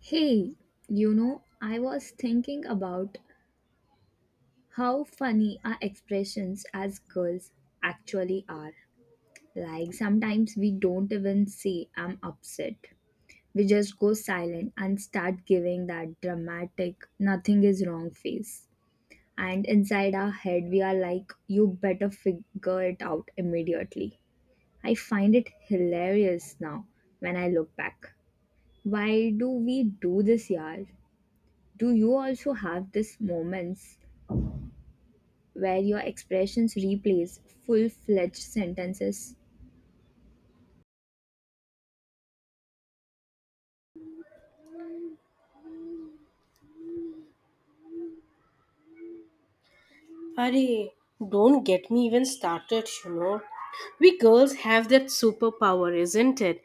Hey, you know, I was thinking about how funny our expressions as girls actually are. Like, sometimes we don't even say, I'm upset. We just go silent and start giving that dramatic, nothing is wrong face. And inside our head, we are like, you better figure it out immediately. I find it hilarious now when I look back. Why do we do this, yaar? Do you also have these moments where your expressions replace full fledged sentences? Arey, don't get me even started. We girls have that superpower, isn't it?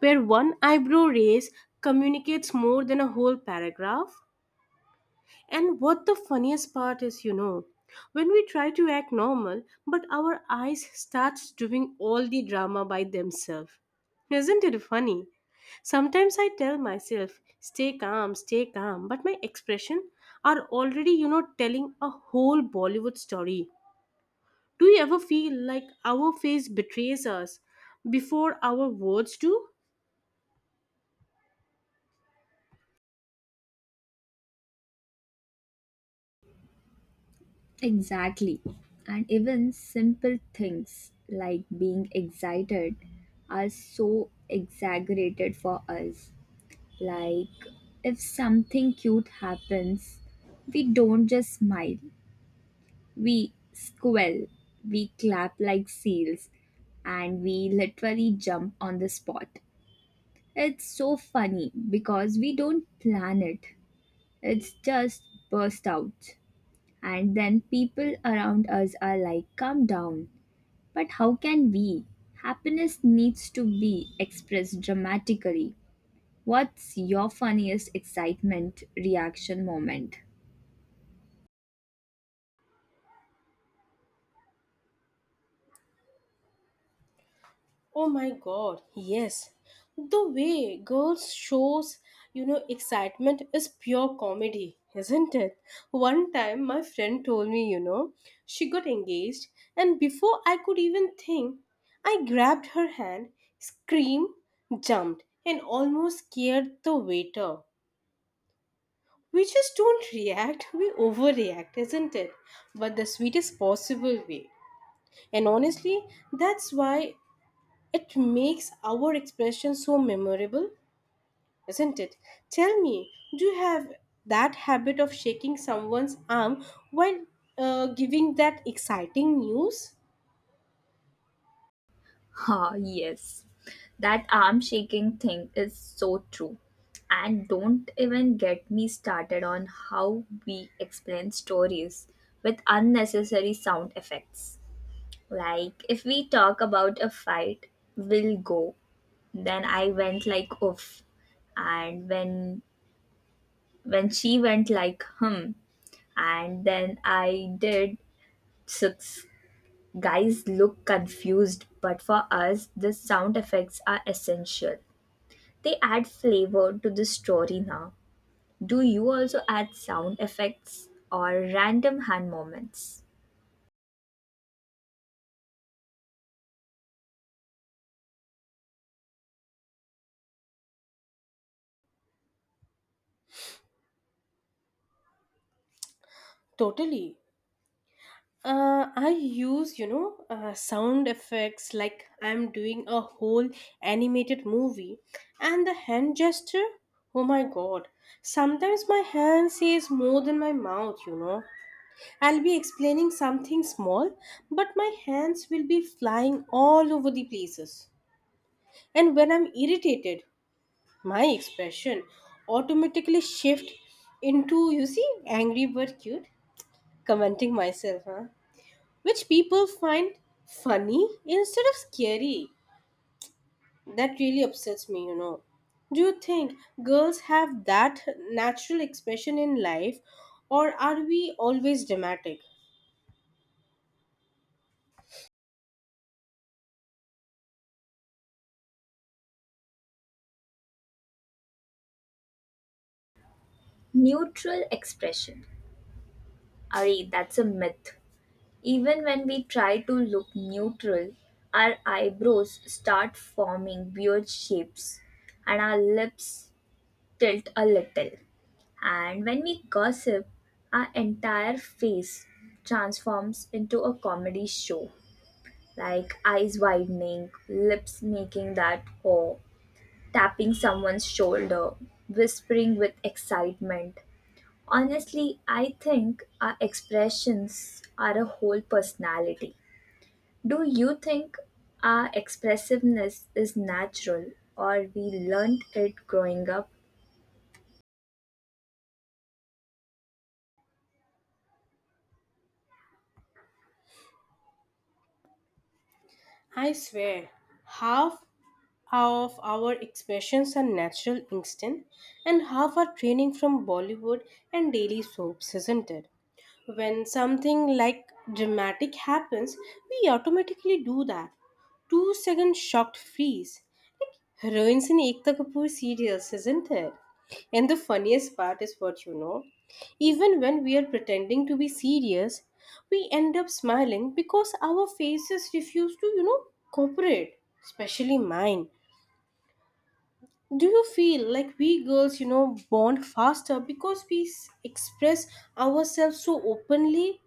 Where one eyebrow raise communicates more than a whole paragraph. And what the funniest part is, when we try to act normal, but our eyes starts doing all the drama by themselves. Isn't it funny? Sometimes I tell myself, stay calm, but my expression are already, telling a whole Bollywood story. Do you ever feel like our face betrays us before our words do? Exactly. And even simple things like being excited are so exaggerated for us. Like, if something cute happens, we don't just smile, we squall, we clap like seals, and we literally jump on the spot. It's so funny because we don't plan it. It's just burst out. And then people around us are like, calm down. But how can we? Happiness needs to be expressed dramatically. What's your funniest excitement reaction moment? Oh my god, yes. The way girls shows, excitement is pure comedy, isn't it? One time my friend told me, she got engaged, and before I could even think, I grabbed her hand, screamed, jumped and almost scared the waiter. We just don't react, we overreact, isn't it? But the sweetest possible way. And honestly, that's why it makes our expression so memorable, isn't it? Tell me, do you have that habit of shaking someone's arm while giving that exciting news? Ah, yes. That arm shaking thing is so true. And don't even get me started on how we explain stories with unnecessary sound effects. Like, if we talk about a fight, we'll go. Then I went like oof. And when she went like hmm. And then I did six. Guys look confused, but for us, the sound effects are essential. They add flavor to the story now. Do you also add sound effects or random hand movements? Totally. I use, sound effects like I'm doing a whole animated movie, and the hand gesture. Oh my god. Sometimes my hand says more than my mouth. I'll be explaining something small, but my hands will be flying all over the places. And when I'm irritated, my expression automatically shift into, you see, angry but cute, commenting myself, huh? Which people find funny instead of scary. That really upsets me. Do you think girls have that natural expression in life, or are we always dramatic? Neutral expression. Ari, that's a myth. Even when we try to look neutral, our eyebrows start forming weird shapes and our lips tilt a little. And when we gossip, our entire face transforms into a comedy show, like eyes widening, lips making that oh, tapping someone's shoulder, whispering with excitement. Honestly, I think our expressions are a whole personality. Do you think our expressiveness is natural or we learned it growing up? I swear, half of our expressions are natural instinct, and half are training from Bollywood and daily soaps, isn't it? When something like dramatic happens, we automatically do that. 2-second shocked freeze. Heroines in Ekta Kapoor serials, isn't it? And the funniest part is what. Even when we are pretending to be serious, we end up smiling because our faces refuse to, cooperate, especially mine. Do you feel like we girls, bond faster because we express ourselves so openly?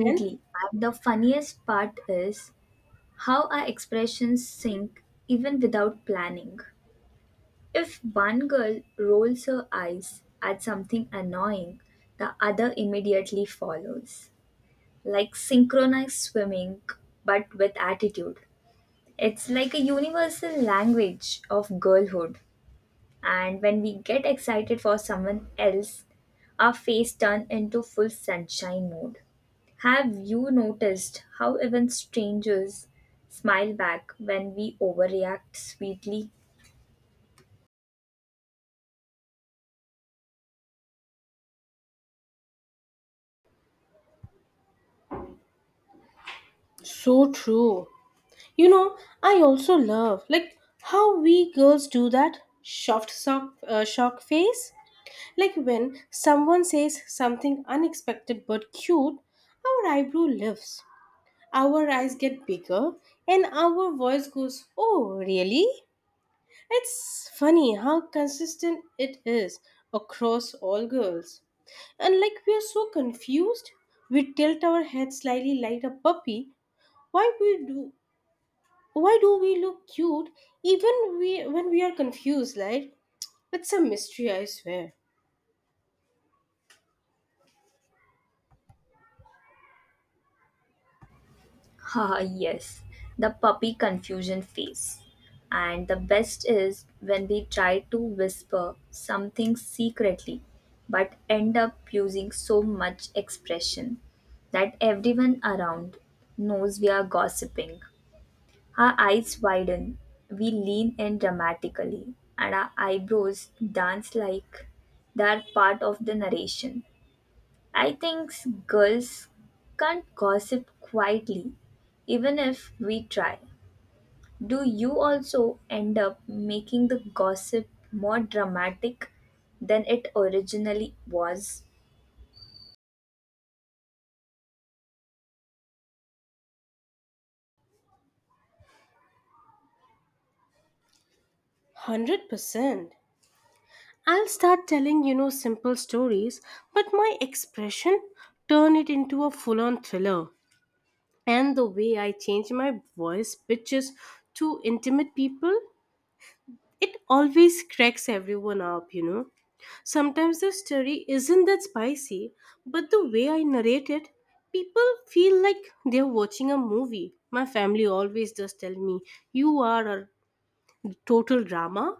And And the funniest part is how our expressions sync even without planning. If one girl rolls her eyes at something annoying, the other immediately follows. Like synchronized swimming, but with attitude. It's like a universal language of girlhood. And when we get excited for someone else, our face turns into full sunshine mode. Have you noticed how even strangers smile back when we overreact sweetly? so true. I also love like how we girls do that shock face. Like when someone says something unexpected but cute, our eyebrow lifts, our eyes get bigger, and our voice goes, oh, really? It's funny how consistent it is across all girls. And like we are so confused, we tilt our head slightly like a puppy. Why we do why do we look cute even we when we are confused, like it's a mystery, I swear. one Ah, yes, the puppy confusion phase. And the best is when we try to whisper something secretly but end up using so much expression that everyone around knows we are gossiping. Our eyes widen, we lean in dramatically, and our eyebrows dance like they are part of the narration. I think girls can't gossip quietly, even if we try. Do you also end up making the gossip more dramatic than it originally was? Hundred percent. I'll start telling, simple stories, but my expression turn it into a full-on thriller. And the way I change my voice pitches to intimate people, it always cracks everyone up. Sometimes the story isn't that spicy, but the way I narrate it, people feel like they're watching a movie. My family always does tell me, you are a total drama.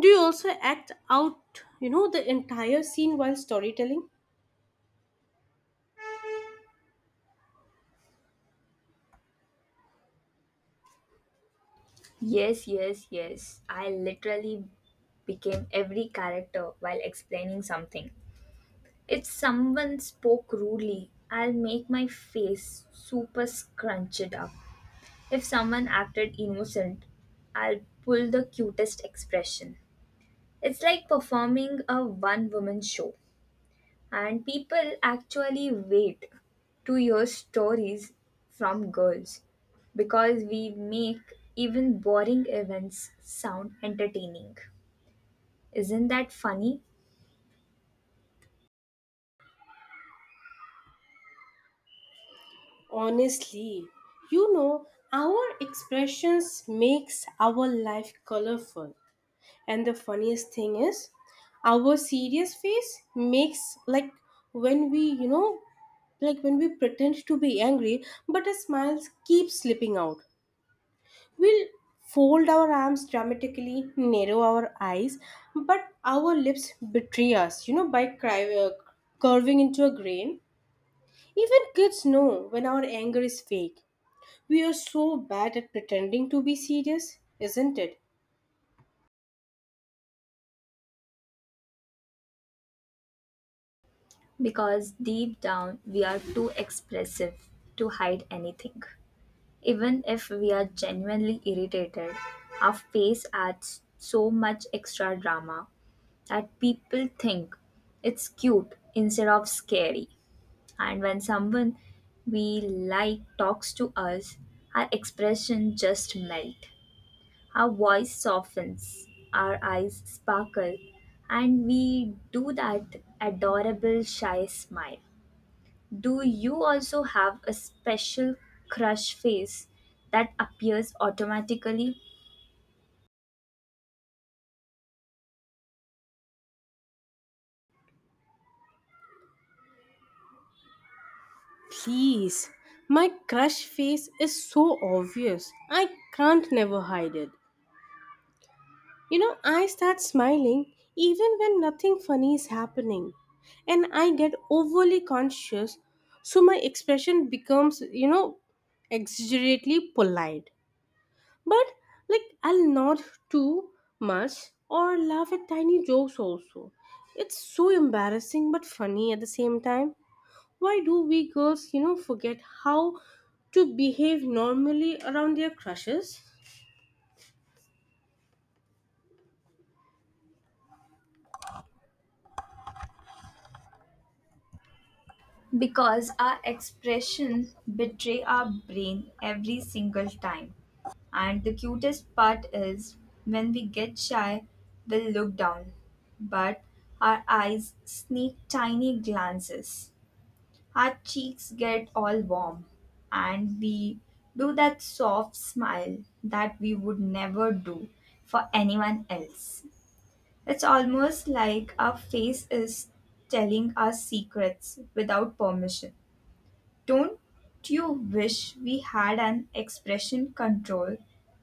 Do you also act out, the entire scene while storytelling? Yes, yes, yes. I literally became every character while explaining something. If someone spoke rudely, I'll make my face super scrunched up. If someone acted innocent, I'll pull the cutest expression. It's like performing a one woman show, and people actually wait to hear stories from girls because we make even boring events sound entertaining. Isn't that funny? Honestly, you know, our expressions makes our life colorful. And the funniest thing is, our serious face makes like when we, like when we pretend to be angry, but a smile keeps slipping out. We'll fold our arms dramatically, narrow our eyes, but our lips betray us, by curving into a grin. Even kids know when our anger is fake. We are so bad at pretending to be serious, isn't it? Because deep down, we are too expressive to hide anything. Even if we are genuinely irritated, our face adds so much extra drama that people think it's cute instead of scary. And when someone we like talks to us, our expression just melt. Our voice softens, our eyes sparkle, and we do that adorable shy smile. Do you also have a special crush face that appears automatically? Please, my crush face is so obvious. I can't never hide it. You know, I start smiling even when nothing funny is happening. And I get overly conscious, so my expression becomes, exaggeratedly polite. But, like, I'll nod too much or laugh at tiny jokes also. It's so embarrassing but funny at the same time. Why do we girls, forget how to behave normally around their crushes? Because our expression betray our brain every single time. And the cutest part is when we get shy, we look down, but our eyes sneak tiny glances. Her cheeks get all warm, and we do that soft smile that we would never do for anyone else. It's almost like our face is telling us secrets without permission. Don't you wish we had an expression control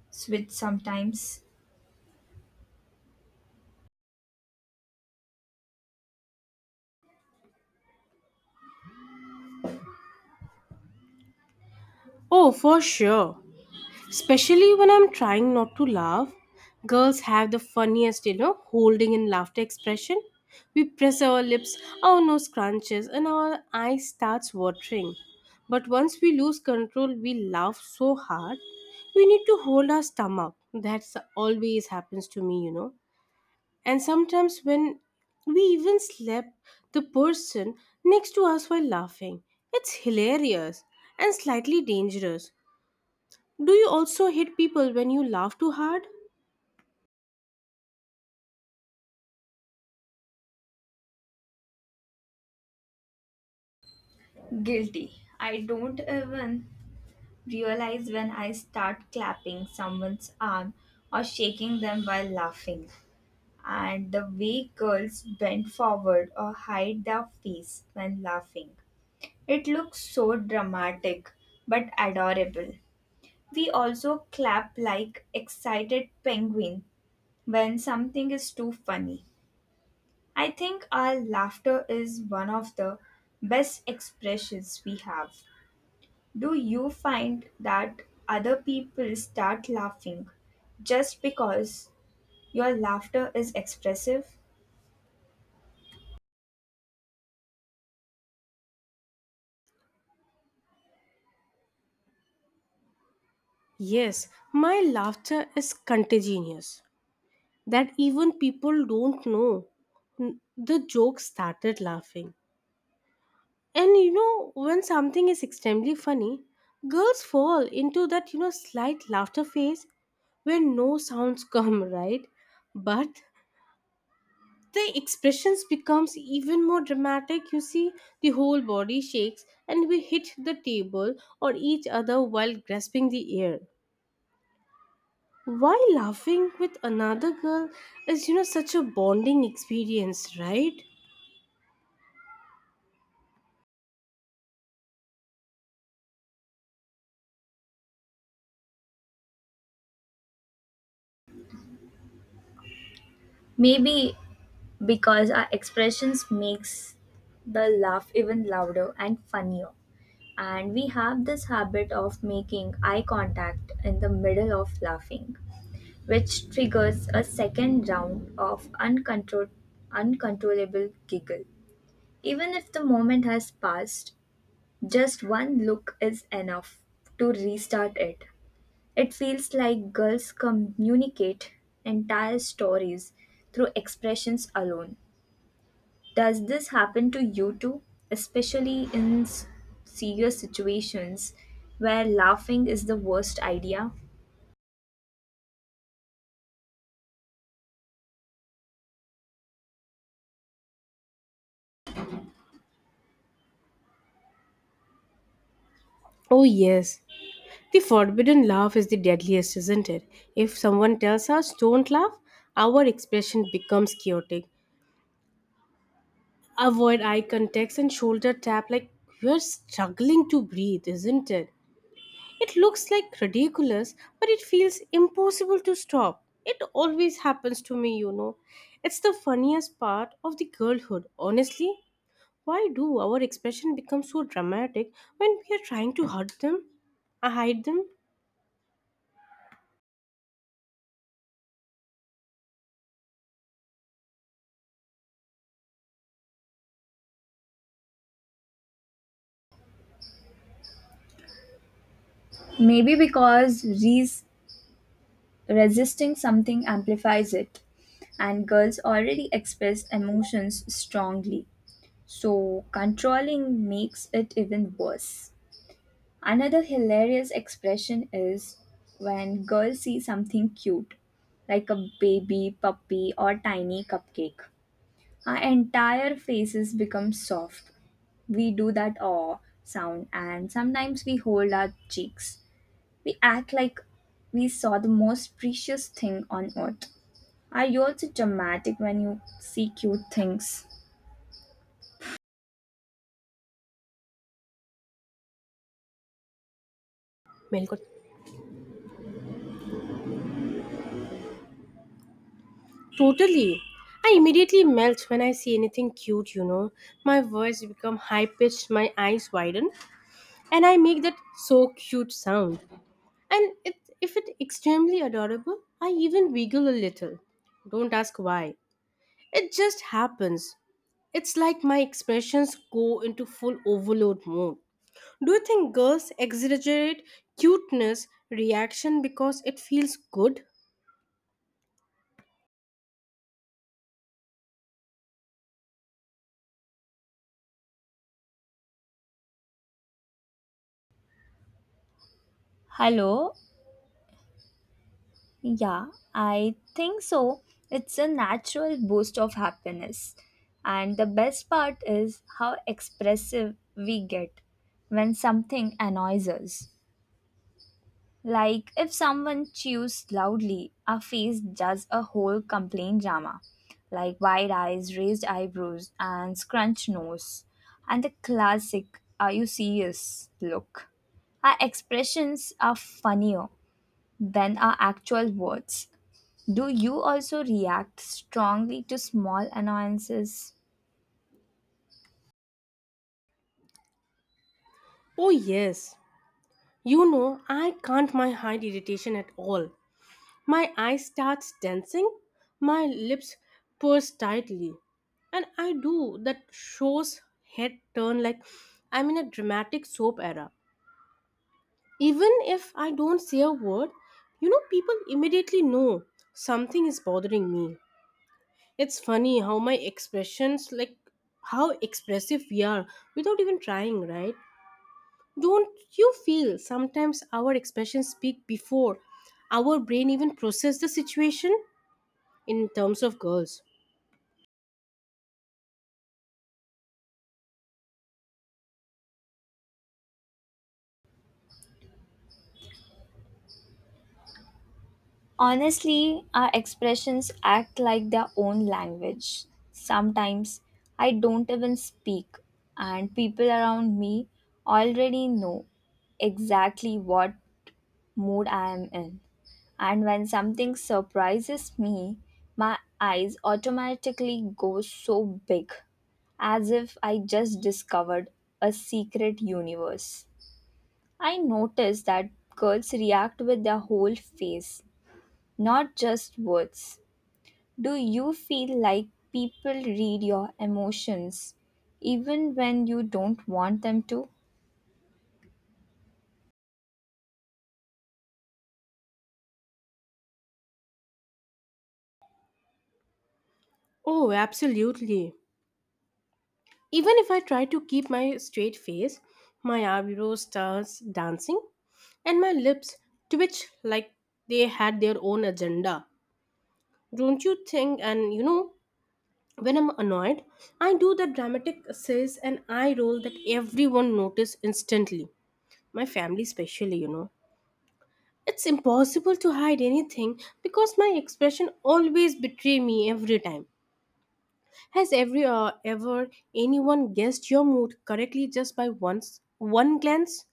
switch sometimes? Oh, for sure. Especially when I'm trying not to laugh, girls have the funniest, holding in laughter expression. We press our lips, our nose crunches, and our eyes starts watering. But once we lose control, we laugh so hard. We need to hold our stomach. That's always happens to me. And sometimes when we even slap the person next to us while laughing, it's hilarious and slightly dangerous. Do you also hit people when you laugh too hard? Guilty. I don't even realize when I start clapping someone's arm or shaking them while laughing. And the way girls bend forward or hide their face when laughing. It looks so dramatic but adorable. We also clap like excited penguin when something is too funny. I think our laughter is one of the best expressions we have. Do you find that other people start laughing just because your laughter is expressive? Yes, my laughter is contagious. That even people don't know. The joke started laughing. And when something is extremely funny, girls fall into that, slight laughter phase where no sounds come, right? But the expressions becomes even more dramatic, you see, the whole body shakes and we hit the table or each other while grasping the air. Why laughing with another girl is such a bonding experience, right? Maybe because our expressions makes the laugh even louder and funnier. And we have this habit of making eye contact in the middle of laughing, which triggers a second round of uncontrollable giggle. Even if the moment has passed, just one look is enough to restart it. It feels like girls communicate entire stories through expressions alone. Does this happen to you too, especially in serious situations where laughing is the worst idea? Oh, yes. The forbidden laugh is the deadliest, isn't it? If someone tells us don't laugh, our expression becomes chaotic. Avoid eye contacts and shoulder tap like we're struggling to breathe, isn't it? It looks like ridiculous, but it feels impossible to stop. It always happens to me. It's the funniest part of the girlhood, honestly. Why do our expression become so dramatic when we are trying to hurt them? I hide them? Maybe because resisting something amplifies it, and girls already express emotions strongly. So, controlling makes it even worse. Another hilarious expression is when girls see something cute, like a baby, puppy, or tiny cupcake. Our entire faces become soft. We do that aw sound and sometimes we hold our cheeks. We act like we saw the most precious thing on earth. Are you also dramatic when you see cute things? Melgot. Totally. I immediately melt when I see anything cute. My voice become high pitched, my eyes widen, and I make that so cute sound. And if it's extremely adorable, I even wiggle a little. Don't ask why. It just happens. It's like my expressions go into full overload mode. Do you think girls exaggerate cuteness reaction because it feels good? Hello, yeah, I think so. It's a natural boost of happiness. And the best part is how expressive we get when something annoys us. Like if someone chews loudly, our face does a whole complaint drama, like wide eyes, raised eyebrows, and scrunched nose, and the classic "Are you serious?" look. Our expressions are funnier than our actual words. Do you also react strongly to small annoyances? Oh, yes. I can't my hide irritation at all. My eyes start dancing, my lips purse tightly, and I do that show's head turn like I'm in a dramatic soap era. Even if I don't say a word, people immediately know something is bothering me. It's funny how my expressions, like how expressive we are without even trying, right? Don't you feel sometimes our expressions speak before our brain even process the situation? In terms of girls. Honestly, our expressions act like their own language. Sometimes I don't even speak, and people around me already know exactly what mood I am in. And when something surprises me, my eyes automatically go so big, as if I just discovered a secret universe. I noticed that girls react with their whole face, not just words. Do you feel like people read your emotions even when you don't want them to? Oh, absolutely. Even if I try to keep my straight face, my eyebrows starts dancing and my lips twitch like they had their own agenda. Don't you think? And when I'm annoyed, I do that dramatic says and eye roll that everyone notice instantly. My family especially. It's impossible to hide anything because my expression always betray me every time. Has ever anyone guessed your mood correctly just by once one glance?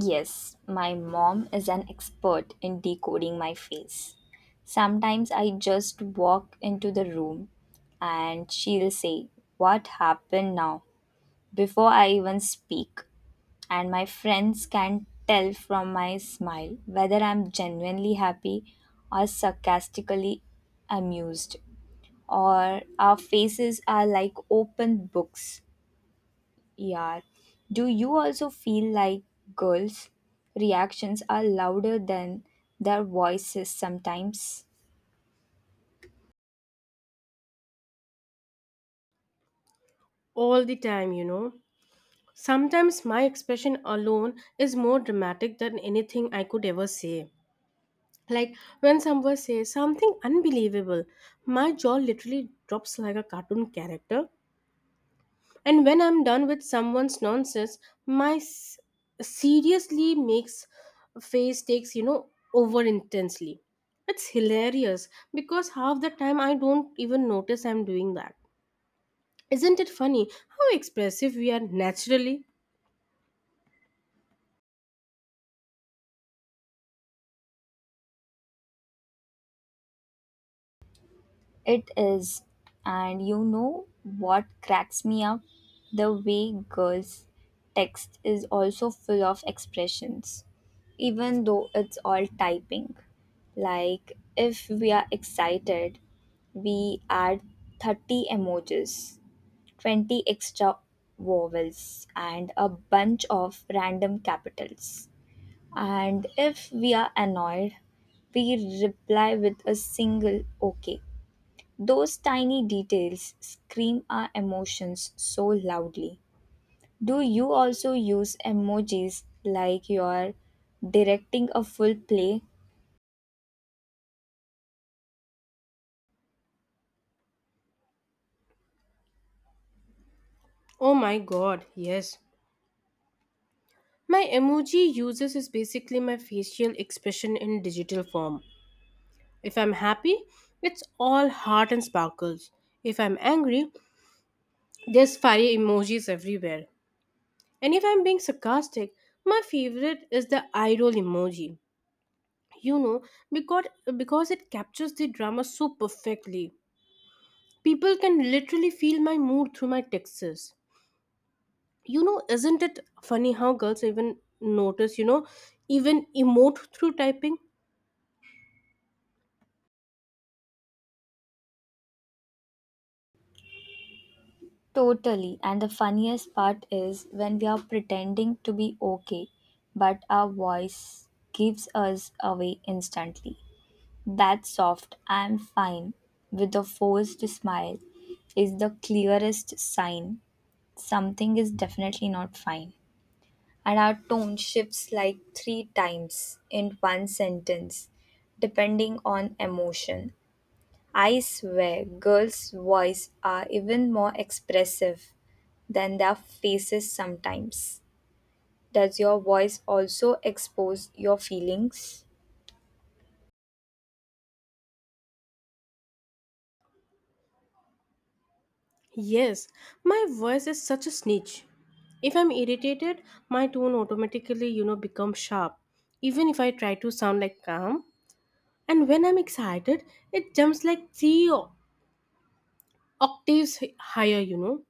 Yes, my mom is an expert in decoding my face. Sometimes I just walk into the room and she'll say, what happened now? Before I even speak. And my friends can tell from my smile whether I'm genuinely happy or sarcastically amused, or our faces are like open books. Yeah. Do you also feel like girls' reactions are louder than their voices sometimes? All the time. Sometimes my expression alone is more dramatic than anything I could ever say. Like when someone says something unbelievable, my jaw literally drops like a cartoon character. And when I'm done with someone's nonsense, my s- seriously makes face takes, over intensely. It's hilarious because half the time I don't even notice I'm doing that. Isn't it funny how expressive we are naturally? It is. And you know what cracks me up? The way girls' text is also full of expressions, even though it's all typing. Like, if we are excited, we add 30 emojis, 20 extra vowels, and a bunch of random capitals. And if we are annoyed, we reply with a single OK. Those tiny details scream our emotions so loudly. Do you also use emojis like you're directing a full play? Oh my god, yes. My emoji uses is basically my facial expression in digital form. If I'm happy, it's all heart and sparkles. If I'm angry, there's fire emojis everywhere. And if I'm being sarcastic, my favorite is the eye roll emoji. You know, because because it captures the drama so perfectly. People can literally feel my mood through my texts. Isn't it funny how girls even notice, even emote through typing? Totally. And the funniest part is when we are pretending to be okay, but our voice gives us away instantly. That soft, I'm fine, with a forced smile, is the clearest sign something is definitely not fine. And our tone shifts like three times in one sentence, depending on emotion. I swear, girls' voices are even more expressive than their faces sometimes. Does your voice also expose your feelings? Yes, my voice is such a snitch. If I'm irritated, my tone automatically, becomes sharp, even if I try to sound like calm. And when I'm excited, it jumps like 3 octaves higher, you know.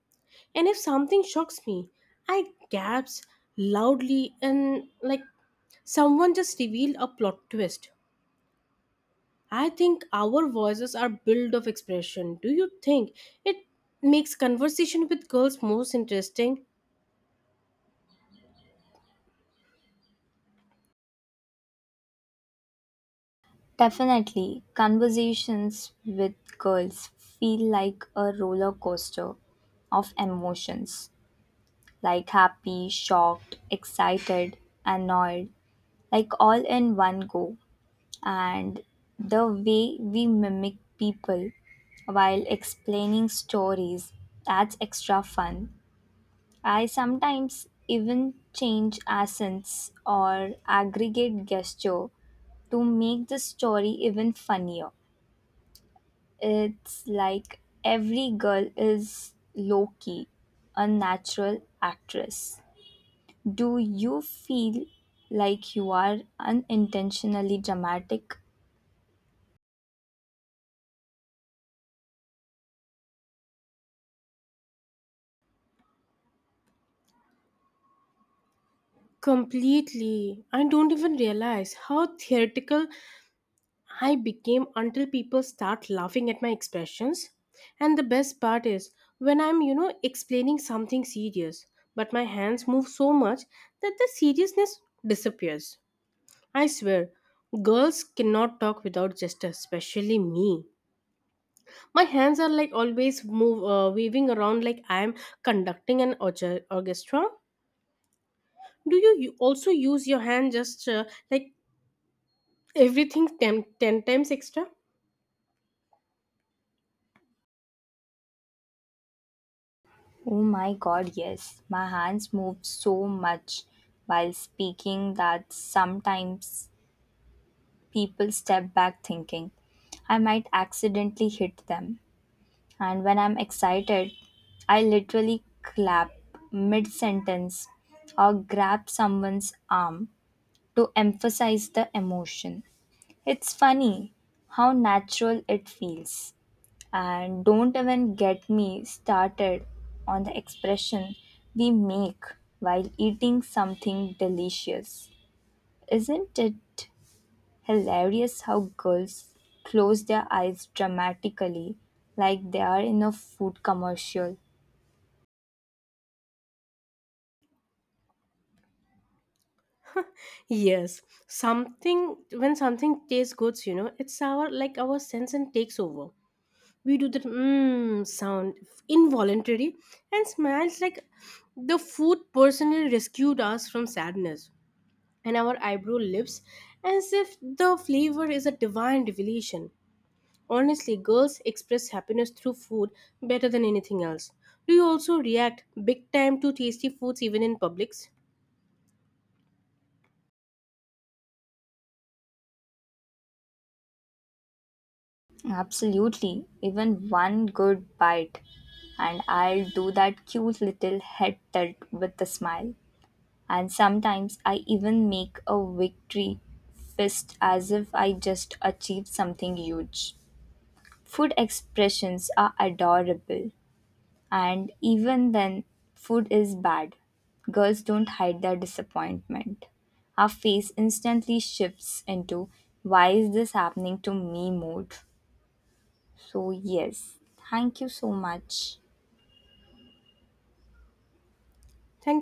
And if something shocks me, I gasp loudly and like someone just revealed a plot twist. I think our voices are built of expression. Do you think it makes conversation with girls most interesting? Definitely, conversations with girls feel like a roller coaster of emotions, like happy, shocked, excited, annoyed, like all in one go. And the way we mimic people while explaining stories, that's extra fun. I sometimes even change accents or aggregate gesture to make the story even funnier. It's like every girl is low key, a natural actress. Do you feel like you are unintentionally dramatic? Completely. I don't even realize how theatrical I became until people start laughing at my expressions. And the best part is when I'm, explaining something serious, but my hands move so much that the seriousness disappears. I swear, girls cannot talk without gesture, especially me. My hands are like always move waving around like I'm conducting an orchestra. Do you also use your hand just like everything ten times extra? Oh my god, yes. My hands moved so much while speaking that sometimes people step back thinking I might accidentally hit them. And when I'm excited, I literally clap mid sentence or grab someone's arm to emphasize the emotion. It's funny how natural it feels. And don't even get me started on the expression we make while eating something delicious. Isn't it hilarious how girls close their eyes dramatically like they are in a food commercial? Yes, something when something tastes good, it's our sense and takes over. We do that mmm sound involuntary and smells like the food personally rescued us from sadness. And our eyebrow lifts as if the flavor is a divine revelation. Honestly, girls express happiness through food better than anything else. Do you also react big time to tasty foods even in publics? Absolutely, even one good bite, and I'll do that cute little head tilt with a smile. And sometimes I even make a victory fist as if I just achieved something huge. Food expressions are adorable, and even then, food is bad. Girls don't hide their disappointment. Our face instantly shifts into why is this happening to me mode. So, yes, thank you so much. Thank